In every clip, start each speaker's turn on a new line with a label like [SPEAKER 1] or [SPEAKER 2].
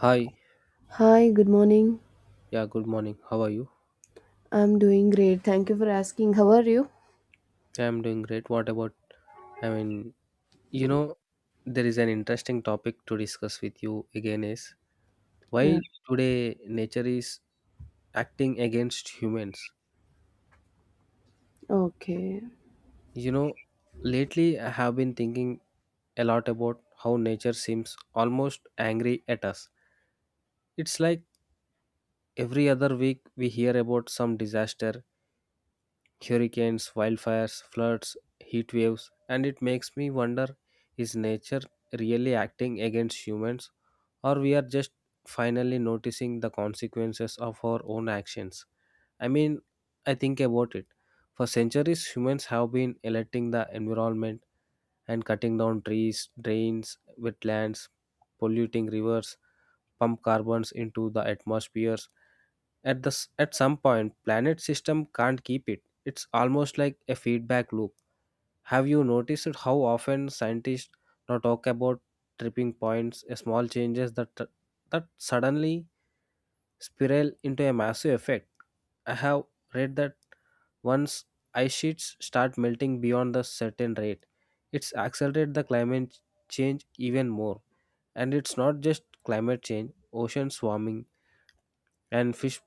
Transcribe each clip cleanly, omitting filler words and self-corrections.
[SPEAKER 1] Hi,
[SPEAKER 2] Hi, good morning.
[SPEAKER 1] yeah, good morning. How are you?
[SPEAKER 2] I'm doing great. Thank you for asking. How are you?
[SPEAKER 1] Yeah, I'm doing great. What about? I mean, you know, there is an interesting topic to discuss with you again is
[SPEAKER 2] Yeah.
[SPEAKER 1] why today nature is acting against humans.
[SPEAKER 2] Okay.
[SPEAKER 1] You know, lately I have been thinking a lot about how nature seems almost angry at us. It's like every other week we hear about some disaster hurricanes, wildfires, floods, heat waves, and it makes me wonder is nature really acting against humans or we are just finally noticing the consequences of our own actions? I mean, I think about it. For centuries, humans have been electing the environment and cutting down trees, drains, wetlands, polluting rivers, pump carbons into the atmospheres at some point planet system can't keep it. It's almost like a feedback loop. Have you noticed how often scientists now talk about tripping points a small changes that suddenly spiral into a massive effect. I have read that once ice sheets start melting beyond the certain rate, it's accelerated the climate change even more. And it's not just climate change, ocean warming and fish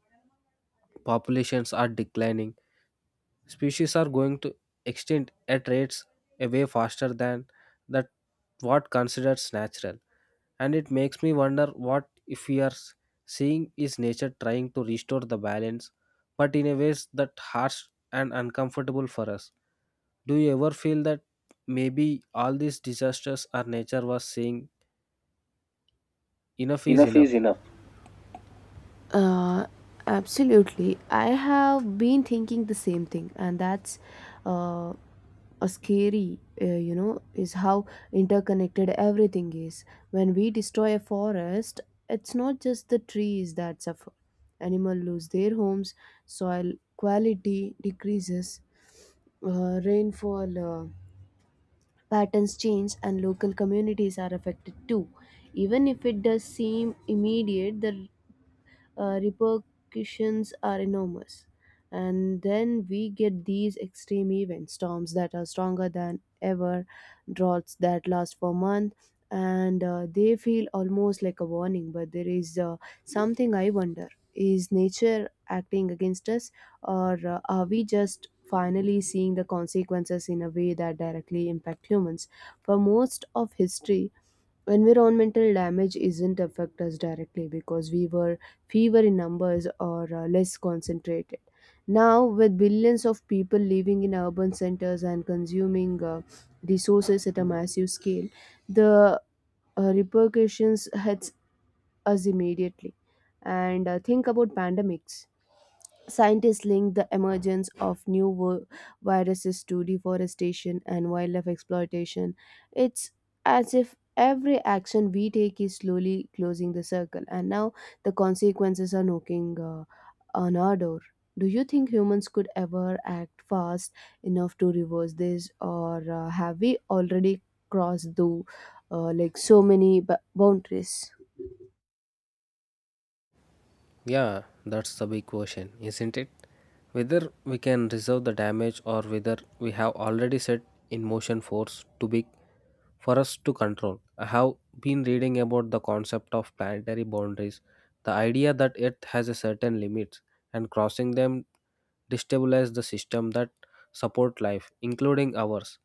[SPEAKER 1] populations are declining. Species are going to extinct at rates a way faster than that what considers natural. And it makes me wonder what if we are seeing is nature trying to restore the balance, but in a ways that harsh and uncomfortable for us. Do you ever feel that maybe all these disasters our nature was saying enough is enough?
[SPEAKER 2] Uh, Absolutely. I have been thinking the same thing, and that's uh, a scary is how interconnected everything is. When we destroy a forest, it's not just the trees that suffer. Animals lose their homes, soil quality decreases, rainfall. Patterns change and local communities are affected too. Even if it does seem immediate, the repercussions are enormous. And then we get these extreme events, storms that are stronger than ever, droughts that last for months, and they feel almost like a warning. But there is something I wonder, is nature acting against us, or are we just finally seeing the consequences in a way that directly impact humans? For most of history, environmental damage isn't affect us directly because we were fewer in numbers or less concentrated, now with billions of people living in urban centers and consuming resources at a massive scale, the repercussions hits us immediately, and think about pandemics. Scientists link the emergence of viruses to deforestation and wildlife exploitation. It's as if every action we take is slowly closing the circle, and now the consequences are knocking on our door. Do you think humans could ever act fast enough to reverse this, or have we already crossed through so many boundaries?
[SPEAKER 1] Yeah, that's the big question, isn't it? Whether we can reserve the damage or whether we have already set in motion force too big for us to control. I have been reading about the concept of planetary boundaries, the idea that Earth has a certain limits and crossing them destabilize the system that support life, including ours.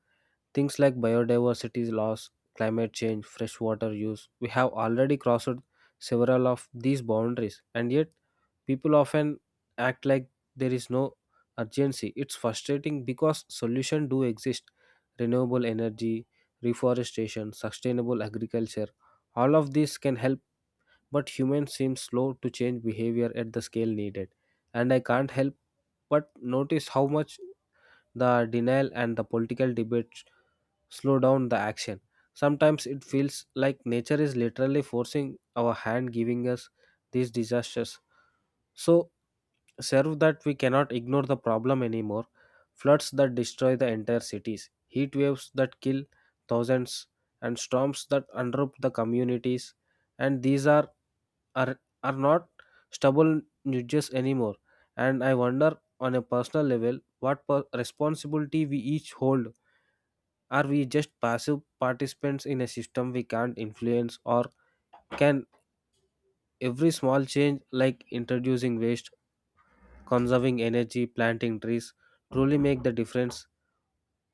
[SPEAKER 1] Things like biodiversity loss, climate change, freshwater use. We have already crossed several of these boundaries, and yet people often act like there is no urgency. It's frustrating because solutions do exist. Renewable energy, reforestation, sustainable agriculture, all of these can help, but humans seem slow to change behavior at the scale needed. And I can't help but notice how much the denial and the political debates slow down the action. Sometimes it feels like nature is literally forcing our hand, giving us these disasters. So, serve that we cannot ignore the problem anymore. Floods that destroy the entire cities, heat waves that kill thousands, and storms that unrope the communities. And these are are not stubborn judges anymore. And I wonder on a personal level what responsibility we each hold. Are we just passive participants in a system we can't influence, or can every small change like introducing waste, conserving energy, planting trees truly make the difference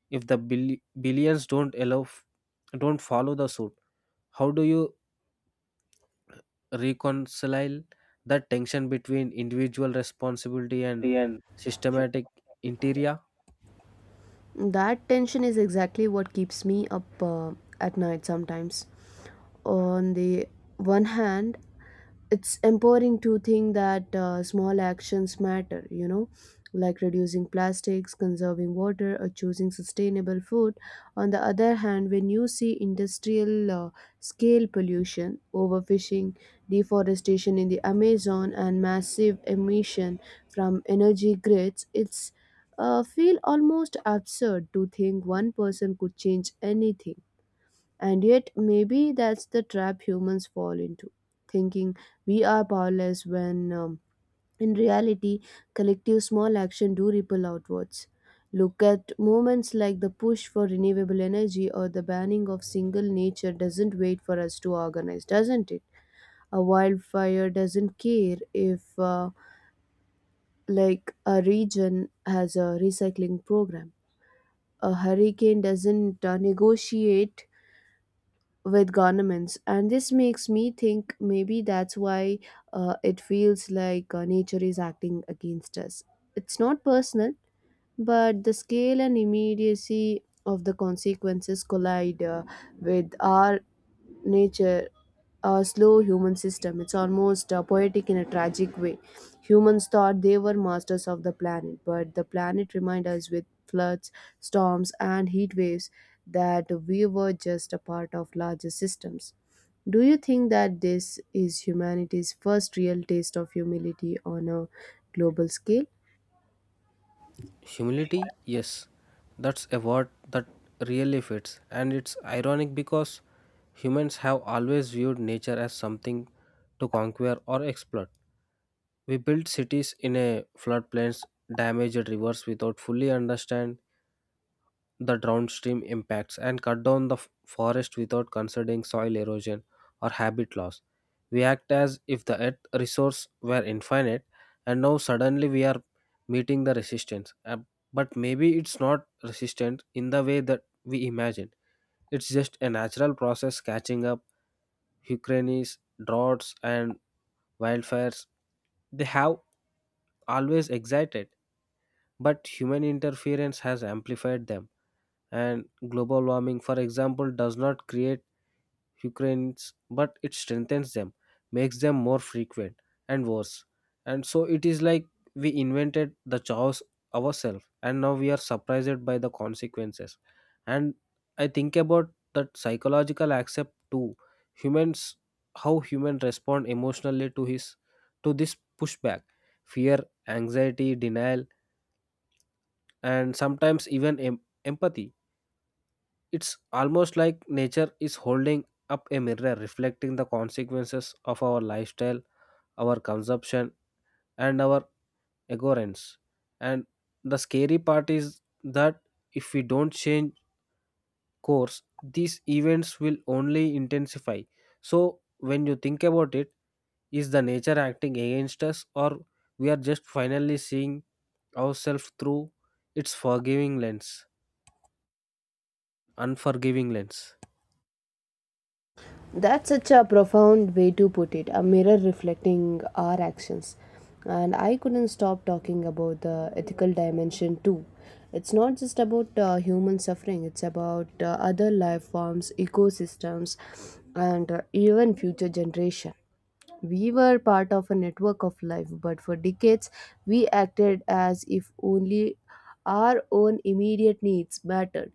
[SPEAKER 1] if the billions don't allow f- don't follow the suit? How do you reconcile the tension between individual responsibility and systematic interior?
[SPEAKER 2] That tension is exactly what keeps me up at night sometimes. On the one hand, it's empowering to think that small actions matter, you know, like reducing plastics, conserving water, or choosing sustainable food. On the other hand, when you see industrial scale pollution, overfishing, deforestation in the Amazon, and massive emission from energy grids, it's feel almost absurd to think one person could change anything. And yet, maybe that's the trap humans fall into, thinking we are powerless when in reality, collective small action do ripple outwards. Look at moments like the push for renewable energy or the banning of single nature doesn't wait for us to organize, doesn't it? A wildfire doesn't care if, a region has a recycling program. A hurricane doesn't negotiate with governments, and this makes me think maybe that's why it feels like nature is acting against us. It's not personal, but the scale and immediacy of the consequences collide with our nature, a slow human system. It's almost poetic in a tragic way. Humans thought they were masters of the planet, but the planet reminded us with floods, storms, and heat waves that we were just a part of larger systems. Do you think that this is humanity's first real taste of humility on a global scale?
[SPEAKER 1] Humility, yes, that's a word that really fits. And it's ironic because humans have always viewed nature as something to conquer or exploit. We built cities in a floodplains, damaged rivers without fully understand the downstream impacts, and cut down the forest without considering soil erosion or habit loss. We act as if the earth resource were infinite, and now suddenly we are meeting the resistance. But maybe it's not resistant in the way that we imagine. It's just a natural process catching up, hurricanes, droughts and wildfires. They have always excited, but human interference has amplified them. And global warming, for example, does not create hurricanes but it strengthens them, makes them more frequent and worse. And so it is like we invented the chaos ourselves, and now we are surprised by the consequences. And I think about that psychological accept too. Humans, how humans respond emotionally to this pushback, fear, anxiety, denial, and sometimes even empathy. It's almost like nature is holding up a mirror reflecting the consequences of our lifestyle, our consumption, and our ignorance. And the scary part is that if we don't change course, these events will only intensify. So, when you think about it, is the nature acting against us, or we are just finally seeing ourselves through its unforgiving lens?
[SPEAKER 2] That's such a profound way to put it, a mirror reflecting our actions. And I couldn't stop talking about the ethical dimension too. It's not just about human suffering, it's about other life forms, ecosystems, and even future generation. We were part of a network of life, but for decades we acted as if only our own immediate needs mattered.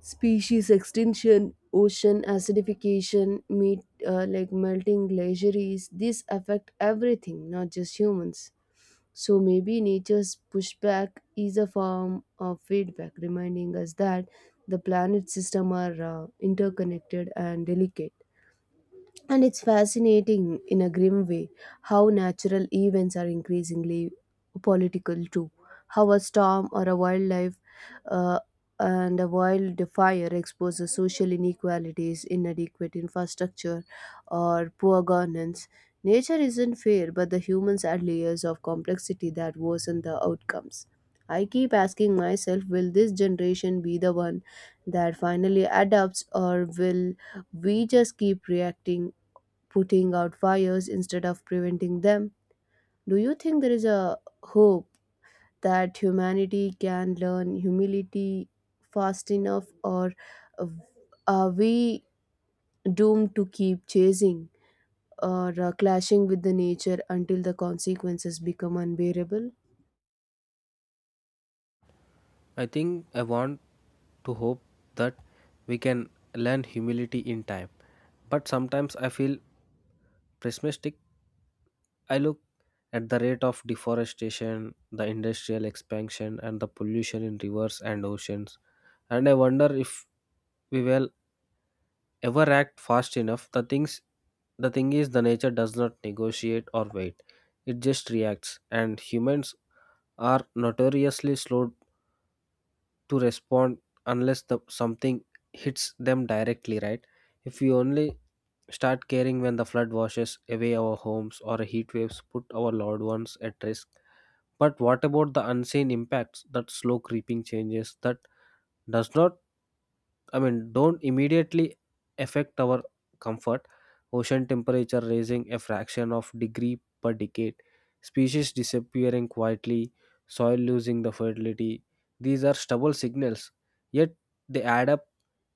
[SPEAKER 2] Species extinction, ocean acidification, meat, melting glaciers, these affect everything, not just humans. So maybe nature's pushback is a form of feedback reminding us that the planet system are interconnected and delicate, and it's fascinating in a grim way how natural events are increasingly political too. How a storm or a wildlife uh, and a wildfire exposes social inequalities, inadequate infrastructure, or poor governance. Nature isn't fair, but the humans add layers of complexity that worsen the outcomes. I keep asking myself, will this generation be the one that finally adapts, or will we just keep reacting, putting out fires instead of preventing them. Do you think there is a hope that humanity can learn humility fast enough, or uh, are we doomed to keep chasing or clashing with the nature until the consequences become unbearable?
[SPEAKER 1] I think I want to hope that we can learn humility in time. But sometimes I feel pessimistic. I look at the rate of deforestation, the industrial expansion, and the pollution in rivers and oceans, and I wonder if we will ever act fast enough. The thing is, the nature does not negotiate or wait; it just reacts, and humans are notoriously slow to respond unless the something hits them directly, right? If we only start caring when the flood washes away our homes or heat waves put our loved ones at risk. But what about the unseen impacts, that slow creeping changes that does not I mean, don't immediately affect our comfort? Ocean temperature raising a fraction of degree per decade, species disappearing quietly, soil losing the fertility. These are stubborn signals, yet they add up.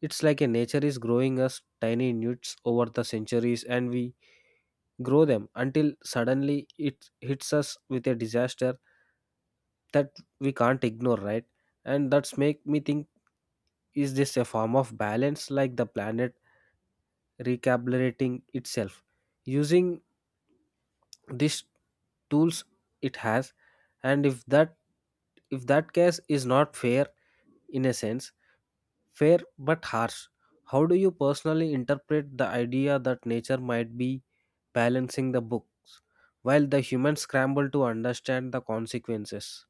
[SPEAKER 1] It's like a nature is growing us tiny newts over the centuries, and we grow them until suddenly it hits us with a disaster that we can't ignore, right? And that's make me think, is this a form of balance like the planet recalibrating itself using these tools it has? And if that case is not fair in a sense, fair but harsh, how do you personally interpret the idea that nature might be balancing the books while the humans scramble to understand the consequences?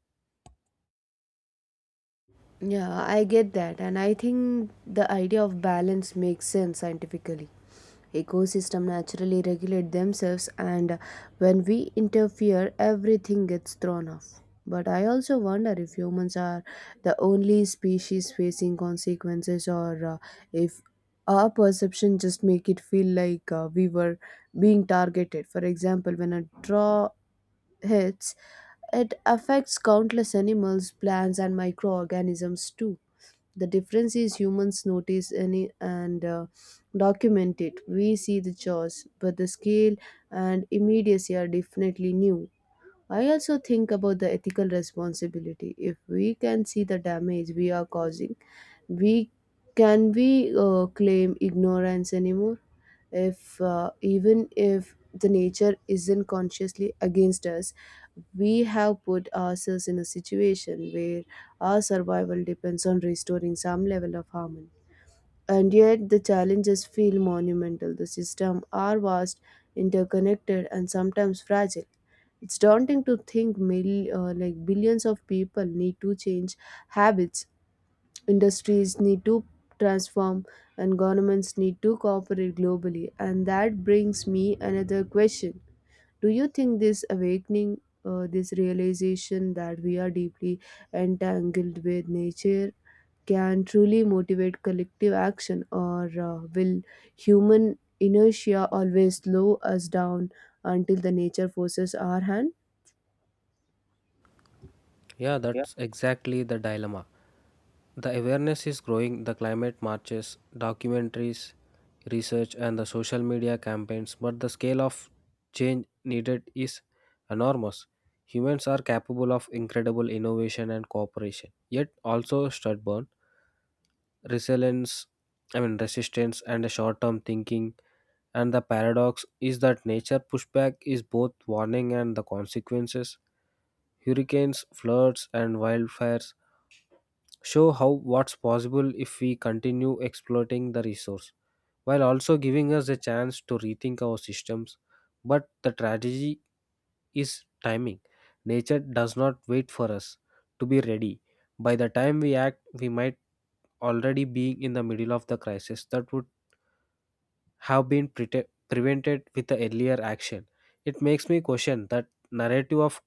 [SPEAKER 2] Yeah, I get that, and I think the idea of balance makes sense scientifically. Ecosystem naturally regulate themselves, and when we interfere everything gets thrown off. But I also wonder if humans are the only species facing consequences, or if our perception just make it feel like we were being targeted. For example, when a draw hits, it affects countless animals, plants, and microorganisms too. The difference is humans notice any and document it. We see the chores, but the scale and immediacy are definitely new. I also think about the ethical responsibility. If we can see the damage we are causing, we can we claim ignorance anymore? If even if the nature isn't consciously against us, we have put ourselves in a situation where our survival depends on restoring some level of harmony. And yet the challenges feel monumental, the systems are vast, interconnected, and sometimes fragile. It's daunting to think billions of people need to change habits, industries need to transform, and governments need to cooperate globally. And that brings me another question, do you think this awakening, this realization that we are deeply entangled with nature, can truly motivate collective action, or will human inertia always slow us down until the nature forces our hand?
[SPEAKER 1] Yeah, that's exactly the dilemma. The awareness is growing, the climate marches, documentaries, research, and the social media campaigns, but the scale of change needed is enormous. Humans are capable of incredible innovation and cooperation, yet also stubborn, resilience, I mean resistance and short-term thinking. And the paradox is that nature pushback is both warning and the consequences. Hurricanes, floods, and wildfires show how what's possible if we continue exploiting the resource, while also giving us a chance to rethink our systems. But the tragedy is timing. Nature does not wait for us to be ready. By the time we act, we might already be in the middle of the crisis that would have been prevented with the earlier action. It makes me question that narrative of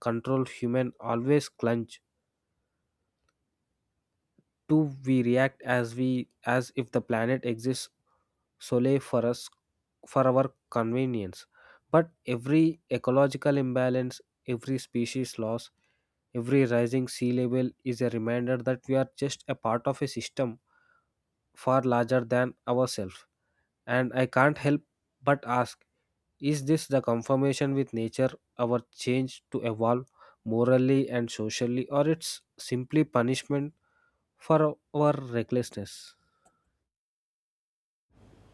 [SPEAKER 1] control human always clutch. Do we react as if the planet exists solely for us, for our convenience? But every ecological imbalance, every species loss, every rising sea level is a reminder that we are just a part of a system far larger than ourselves. And I can't help but ask, is this the confirmation with nature, our change to evolve morally and socially, or it's simply punishment for our recklessness?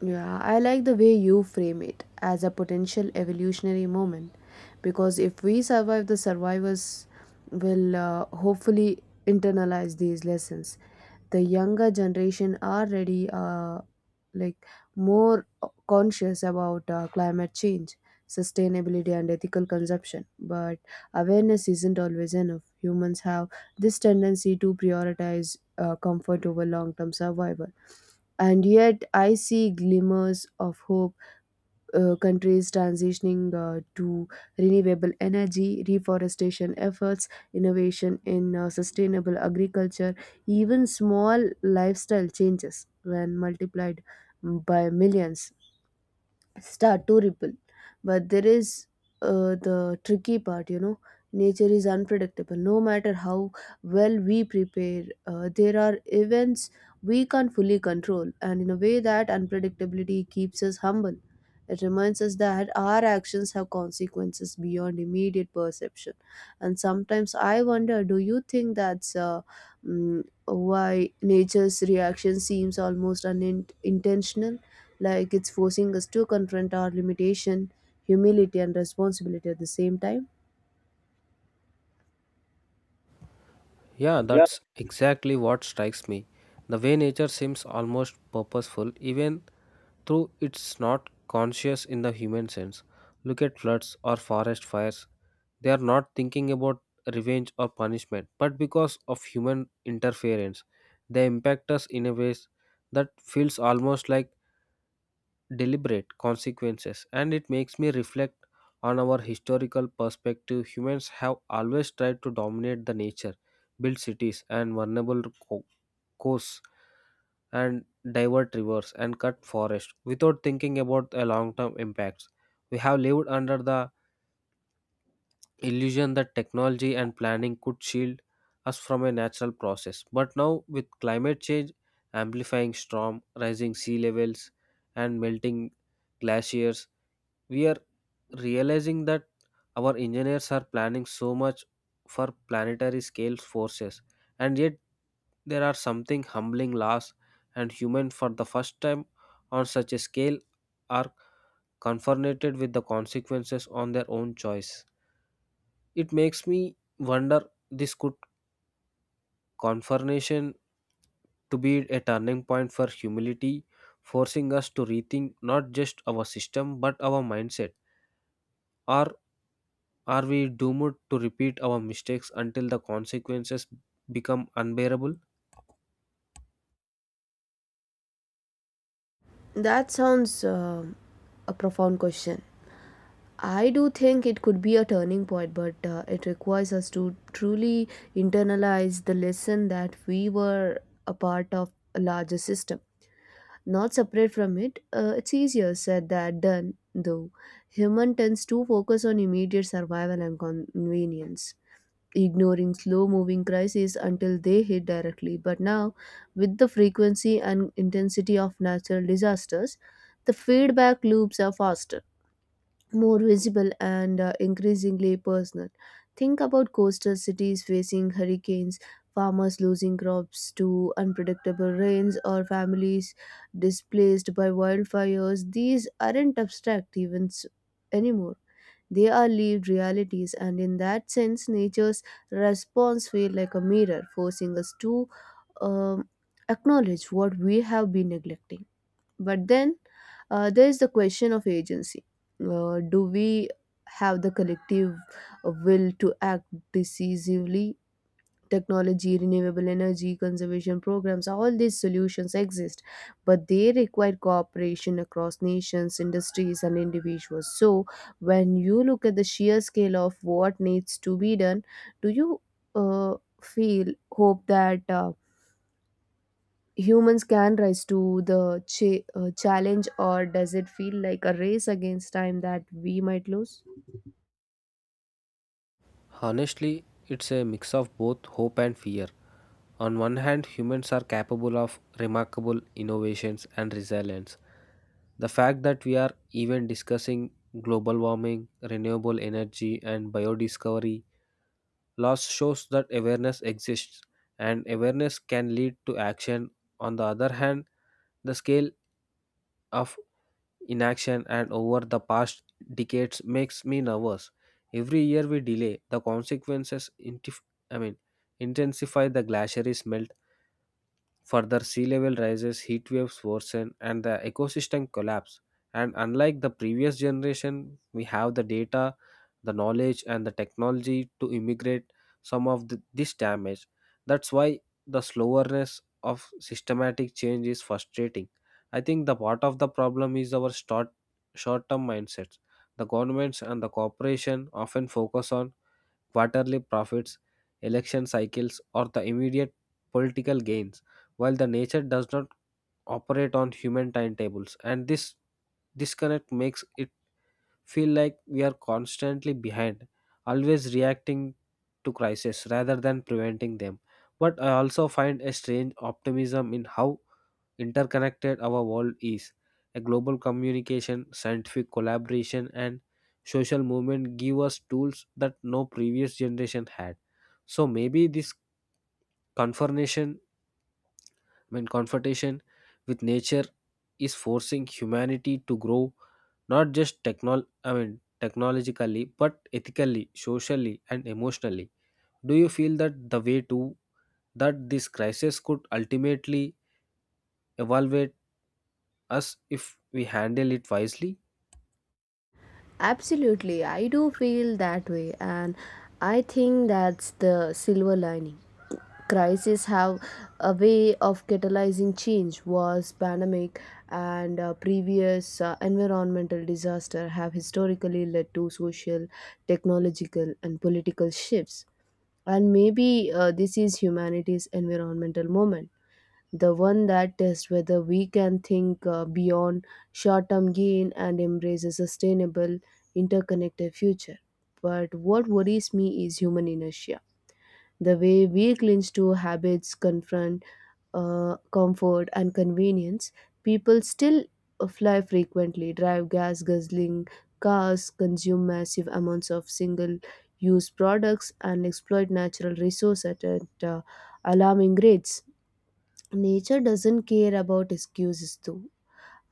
[SPEAKER 2] Yeah, I like the way you frame it as a potential evolutionary moment, because if we survive, the survivors will hopefully internalize these lessons. The younger generation are already like more conscious about climate change, sustainability, and ethical consumption. But awareness isn't always enough. Humans have this tendency to prioritize comfort over long-term survival. And yet, I see glimmers of hope, countries transitioning to renewable energy, reforestation efforts, innovation in sustainable agriculture, even small lifestyle changes when multiplied by millions start to ripple. But there is the tricky part, you know, nature is unpredictable. No matter how well we prepare, there are events we can't fully control, and in a way that unpredictability keeps us humble. It reminds us that our actions have consequences beyond immediate perception. And sometimes I wonder, do you think that's why nature's reaction seems almost unintentional, like it's forcing us to confront our limitation, humility, and responsibility at the same time.
[SPEAKER 1] Yeah, that's exactly what strikes me. The way nature seems almost purposeful, even though it's not conscious in the human sense. Look at floods or forest fires. They are not thinking about revenge or punishment, but because of human interference, they impact us in a ways that feels almost like deliberate consequences. And it makes me reflect on our historical perspective. Humans have always tried to dominate the nature, build cities and vulnerable co- coasts, and divert rivers and cut forests without thinking about the long-term impacts. We have lived under the illusion that technology and planning could shield us from a natural process. But now with climate change amplifying storm, rising sea levels and melting glaciers, we are realizing that our engineers are planning so much for planetary scale forces. And yet there are something humbling laws, and human for the first time on such a scale are confronted with the consequences on their own choice. It makes me wonder this could confrontation to be a turning point for humility, forcing us to rethink not just our system but our mindset, or are we doomed to repeat our mistakes until the consequences become unbearable?
[SPEAKER 2] That sounds a profound question. I do think it could be a turning point, but it requires us to truly internalize the lesson that we were a part of a larger system, not separate from it. It's easier said than done, though. Human tends to focus on immediate survival and convenience, ignoring slow moving crises until they hit directly. But now, with the frequency and intensity of natural disasters, the feedback loops are faster, more visible, and increasingly personal. Think about coastal cities facing hurricanes, farmers losing crops to unpredictable rains, or families displaced by wildfires. These aren't abstract events anymore. They are lived realities, and in that sense, nature's response feels like a mirror, forcing us to um, acknowledge what we have been neglecting. But then there is the question of agency. Do we have the collective will to act decisively? Technology, renewable energy, conservation programs, all these solutions exist, but they require cooperation across nations, industries, and individuals. So, when you look at the sheer scale of what needs to be done, do you uh, feel hope that humans can rise to the challenge, or does it feel like a race against time that we might lose?
[SPEAKER 1] Honestly, it's a mix of both hope and fear. On one hand, humans are capable of remarkable innovations and resilience. The fact that we are even discussing global warming, renewable energy, and biodiscovery loss shows that awareness exists, and awareness can lead to action. On the other hand, the scale of inaction and over the past decades makes me nervous. Every year we delay, the consequences I mean, intensify. The glacier is melting further, sea level rises, heat waves worsen, and the ecosystem collapse. And unlike the previous generation, we have the data, the knowledge, and the technology to mitigate this damage. That's why the slowness of systematic change is frustrating. I think the part of the problem is our short term mindsets. The governments and the corporation often focus on quarterly profits, election cycles, or the immediate political gains, while the nature does not operate on human timetables. And this disconnect makes it feel like we are constantly behind, always reacting to crises rather than preventing them. But I also find a strange optimism in how interconnected our world is. A global communication, scientific collaboration, and social movement give us tools that no previous generation had. So maybe this confrontation, I mean confrontation with nature is forcing humanity to grow not just technologically, but ethically, socially, and emotionally. Do you feel that the way to that this crisis could ultimately evaluate us if we handle it wisely?
[SPEAKER 2] Absolutely, I do feel that way, and I think that's the silver lining. Crises have a way of catalyzing change. Wars, pandemic, and previous environmental disaster have historically led to social, technological, and political shifts. And maybe this is humanity's environmental moment, the one that tests whether we can think beyond short-term gain and embrace a sustainable, interconnected future. But what worries me is human inertia, the way we clinch to habits, confront comfort and convenience. People still fly frequently, drive gas guzzling cars, consume massive amounts of single use products, and exploit natural resources at, alarming rates. Nature doesn't care about excuses, though.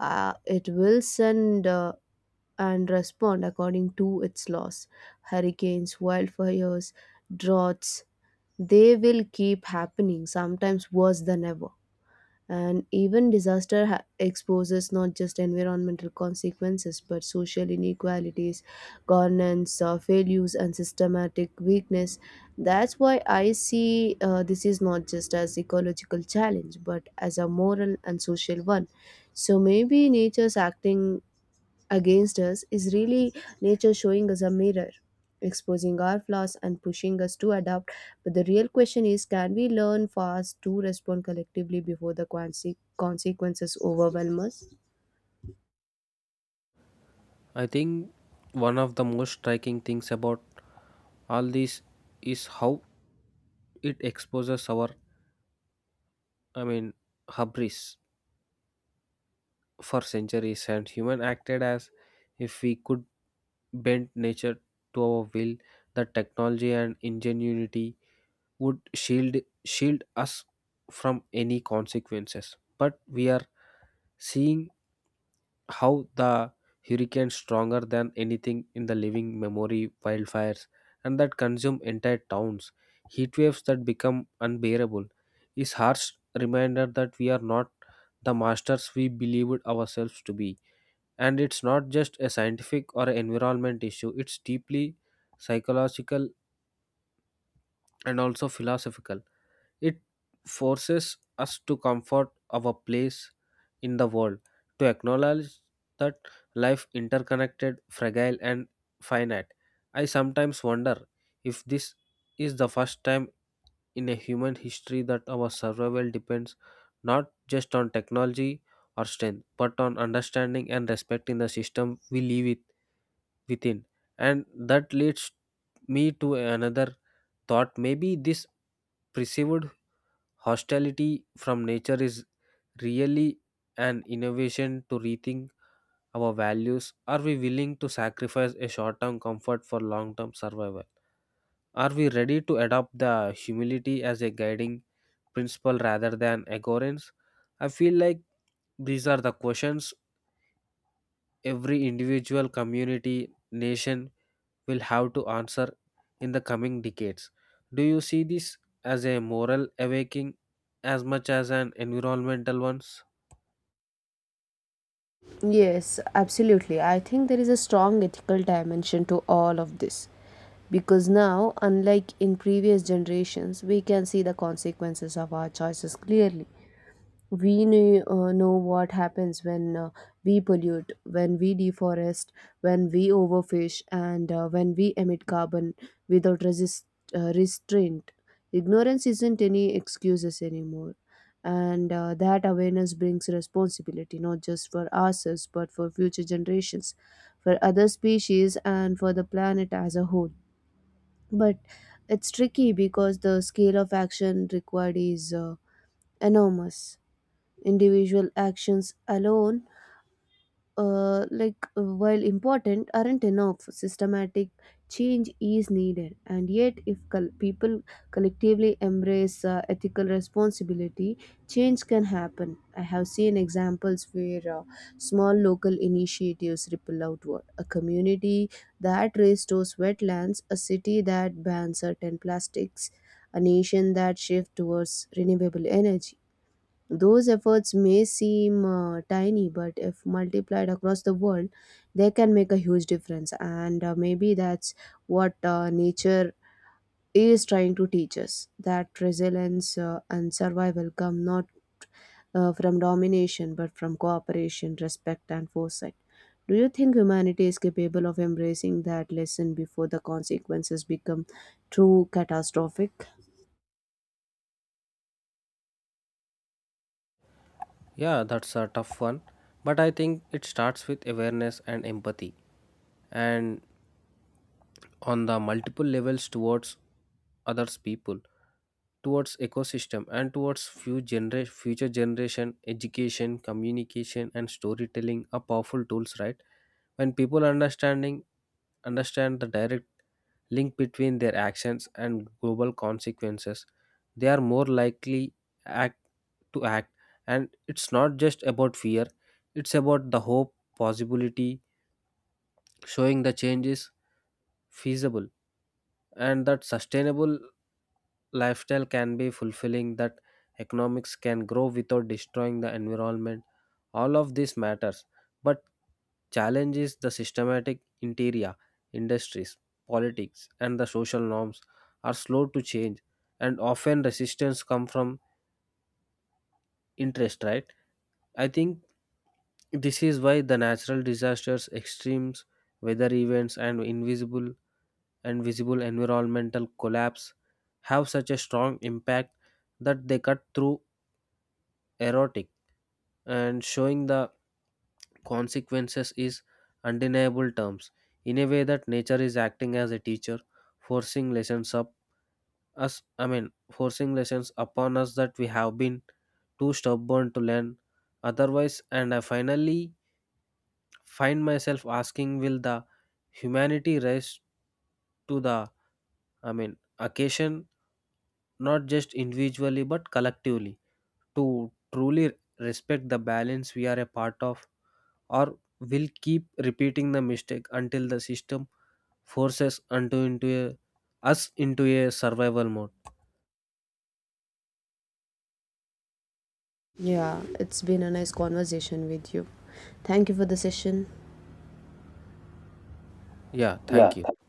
[SPEAKER 2] It will send and respond according to its laws. Hurricanes, wildfires, droughts, they will keep happening, sometimes worse than ever. And even disaster exposes not just environmental consequences but social inequalities, governance failures, and systematic weakness. That's why I see this is not just as ecological challenge but as a moral and social one. So maybe nature's acting against us is really nature showing us a mirror, exposing our flaws and pushing us to adapt. But the real question is can we learn fast to respond collectively before the consequences overwhelm us?
[SPEAKER 1] I think one of the most striking things about all this is how it exposes our, I mean, hubris. For centuries, and human acted as if we could bend nature to our will. That technology and ingenuity would shield us from any consequences, but we are seeing how the hurricane stronger than anything in the living memory, wildfires and that consume entire towns, heat waves that become unbearable is harsh reminder that we are not the masters we believed ourselves to be. And it's not just a scientific or environment issue, it's deeply psychological and also philosophical. It forces us to comfort our place in the world, to acknowledge that life interconnected, fragile and finite. I sometimes wonder if this is the first time in a human history that our survival depends not just on technology or strength, but on understanding and respecting the system we live with within. And that leads me to another thought. Maybe this perceived hostility from nature is really an innovation to rethink our values. Are we willing to sacrifice a short term comfort for long term survival? Are we ready to adopt the humility as a guiding principle rather than arrogance? I feel like these are the questions every individual, community, nation will have to answer in the coming decades. Do you see this as a moral awakening as much as an environmental one?
[SPEAKER 2] Yes, absolutely. I think there is a strong ethical dimension to all of this. Because now, unlike in previous generations, we can see the consequences of our choices clearly. We know what happens when we pollute, when we deforest, when we overfish, and when we emit carbon without restraint. Ignorance isn't any excuses anymore. And that awareness brings responsibility, not just for ourselves, but for future generations, for other species, and for the planet as a whole. But it's tricky because the scale of action required is enormous. Individual actions alone, while important, aren't enough. Systematic change is needed, and yet if people collectively embrace ethical responsibility, change can happen. I have seen examples where small local initiatives ripple outward, a community that restores wetlands, a city that bans certain plastics, a nation that shifts towards renewable energy. Those efforts may seem tiny, but if multiplied across the world, they can make a huge difference. And maybe that's what nature is trying to teach us, that resilience and survival come not from domination, but from cooperation, respect, and foresight. Do you think humanity is capable of embracing that lesson before the consequences become too catastrophic?
[SPEAKER 1] Yeah, that's a tough one, but I think it starts with awareness and empathy, and on the multiple levels towards others people, towards ecosystem, and towards future generation. Education, communication, and storytelling are powerful tools, right? When people understand the direct link between their actions and global consequences, they are more likely act to act. And it's not just about fear, it's about the hope, possibility, showing the change is feasible and that sustainable lifestyle can be fulfilling, that economics can grow without destroying the environment. All of this matters. But challenges the systematic interior industries, politics and the social norms are slow to change, and often resistance come from interest, right? I think this is why the natural disasters, extremes weather events and invisible and visible environmental collapse have such a strong impact, that they cut through erotic and showing the consequences is undeniable terms, in a way that nature is acting as a teacher, forcing lessons up forcing lessons upon us that we have been too stubborn to learn otherwise. And I finally find myself asking, will the humanity rise to the I mean occasion, not just individually but collectively, to truly respect the balance we are a part of, or will keep repeating the mistake until the system forces us into a survival mode.
[SPEAKER 2] Yeah, it's been a nice conversation with you. Thank you for the session.
[SPEAKER 1] Yeah, thank you.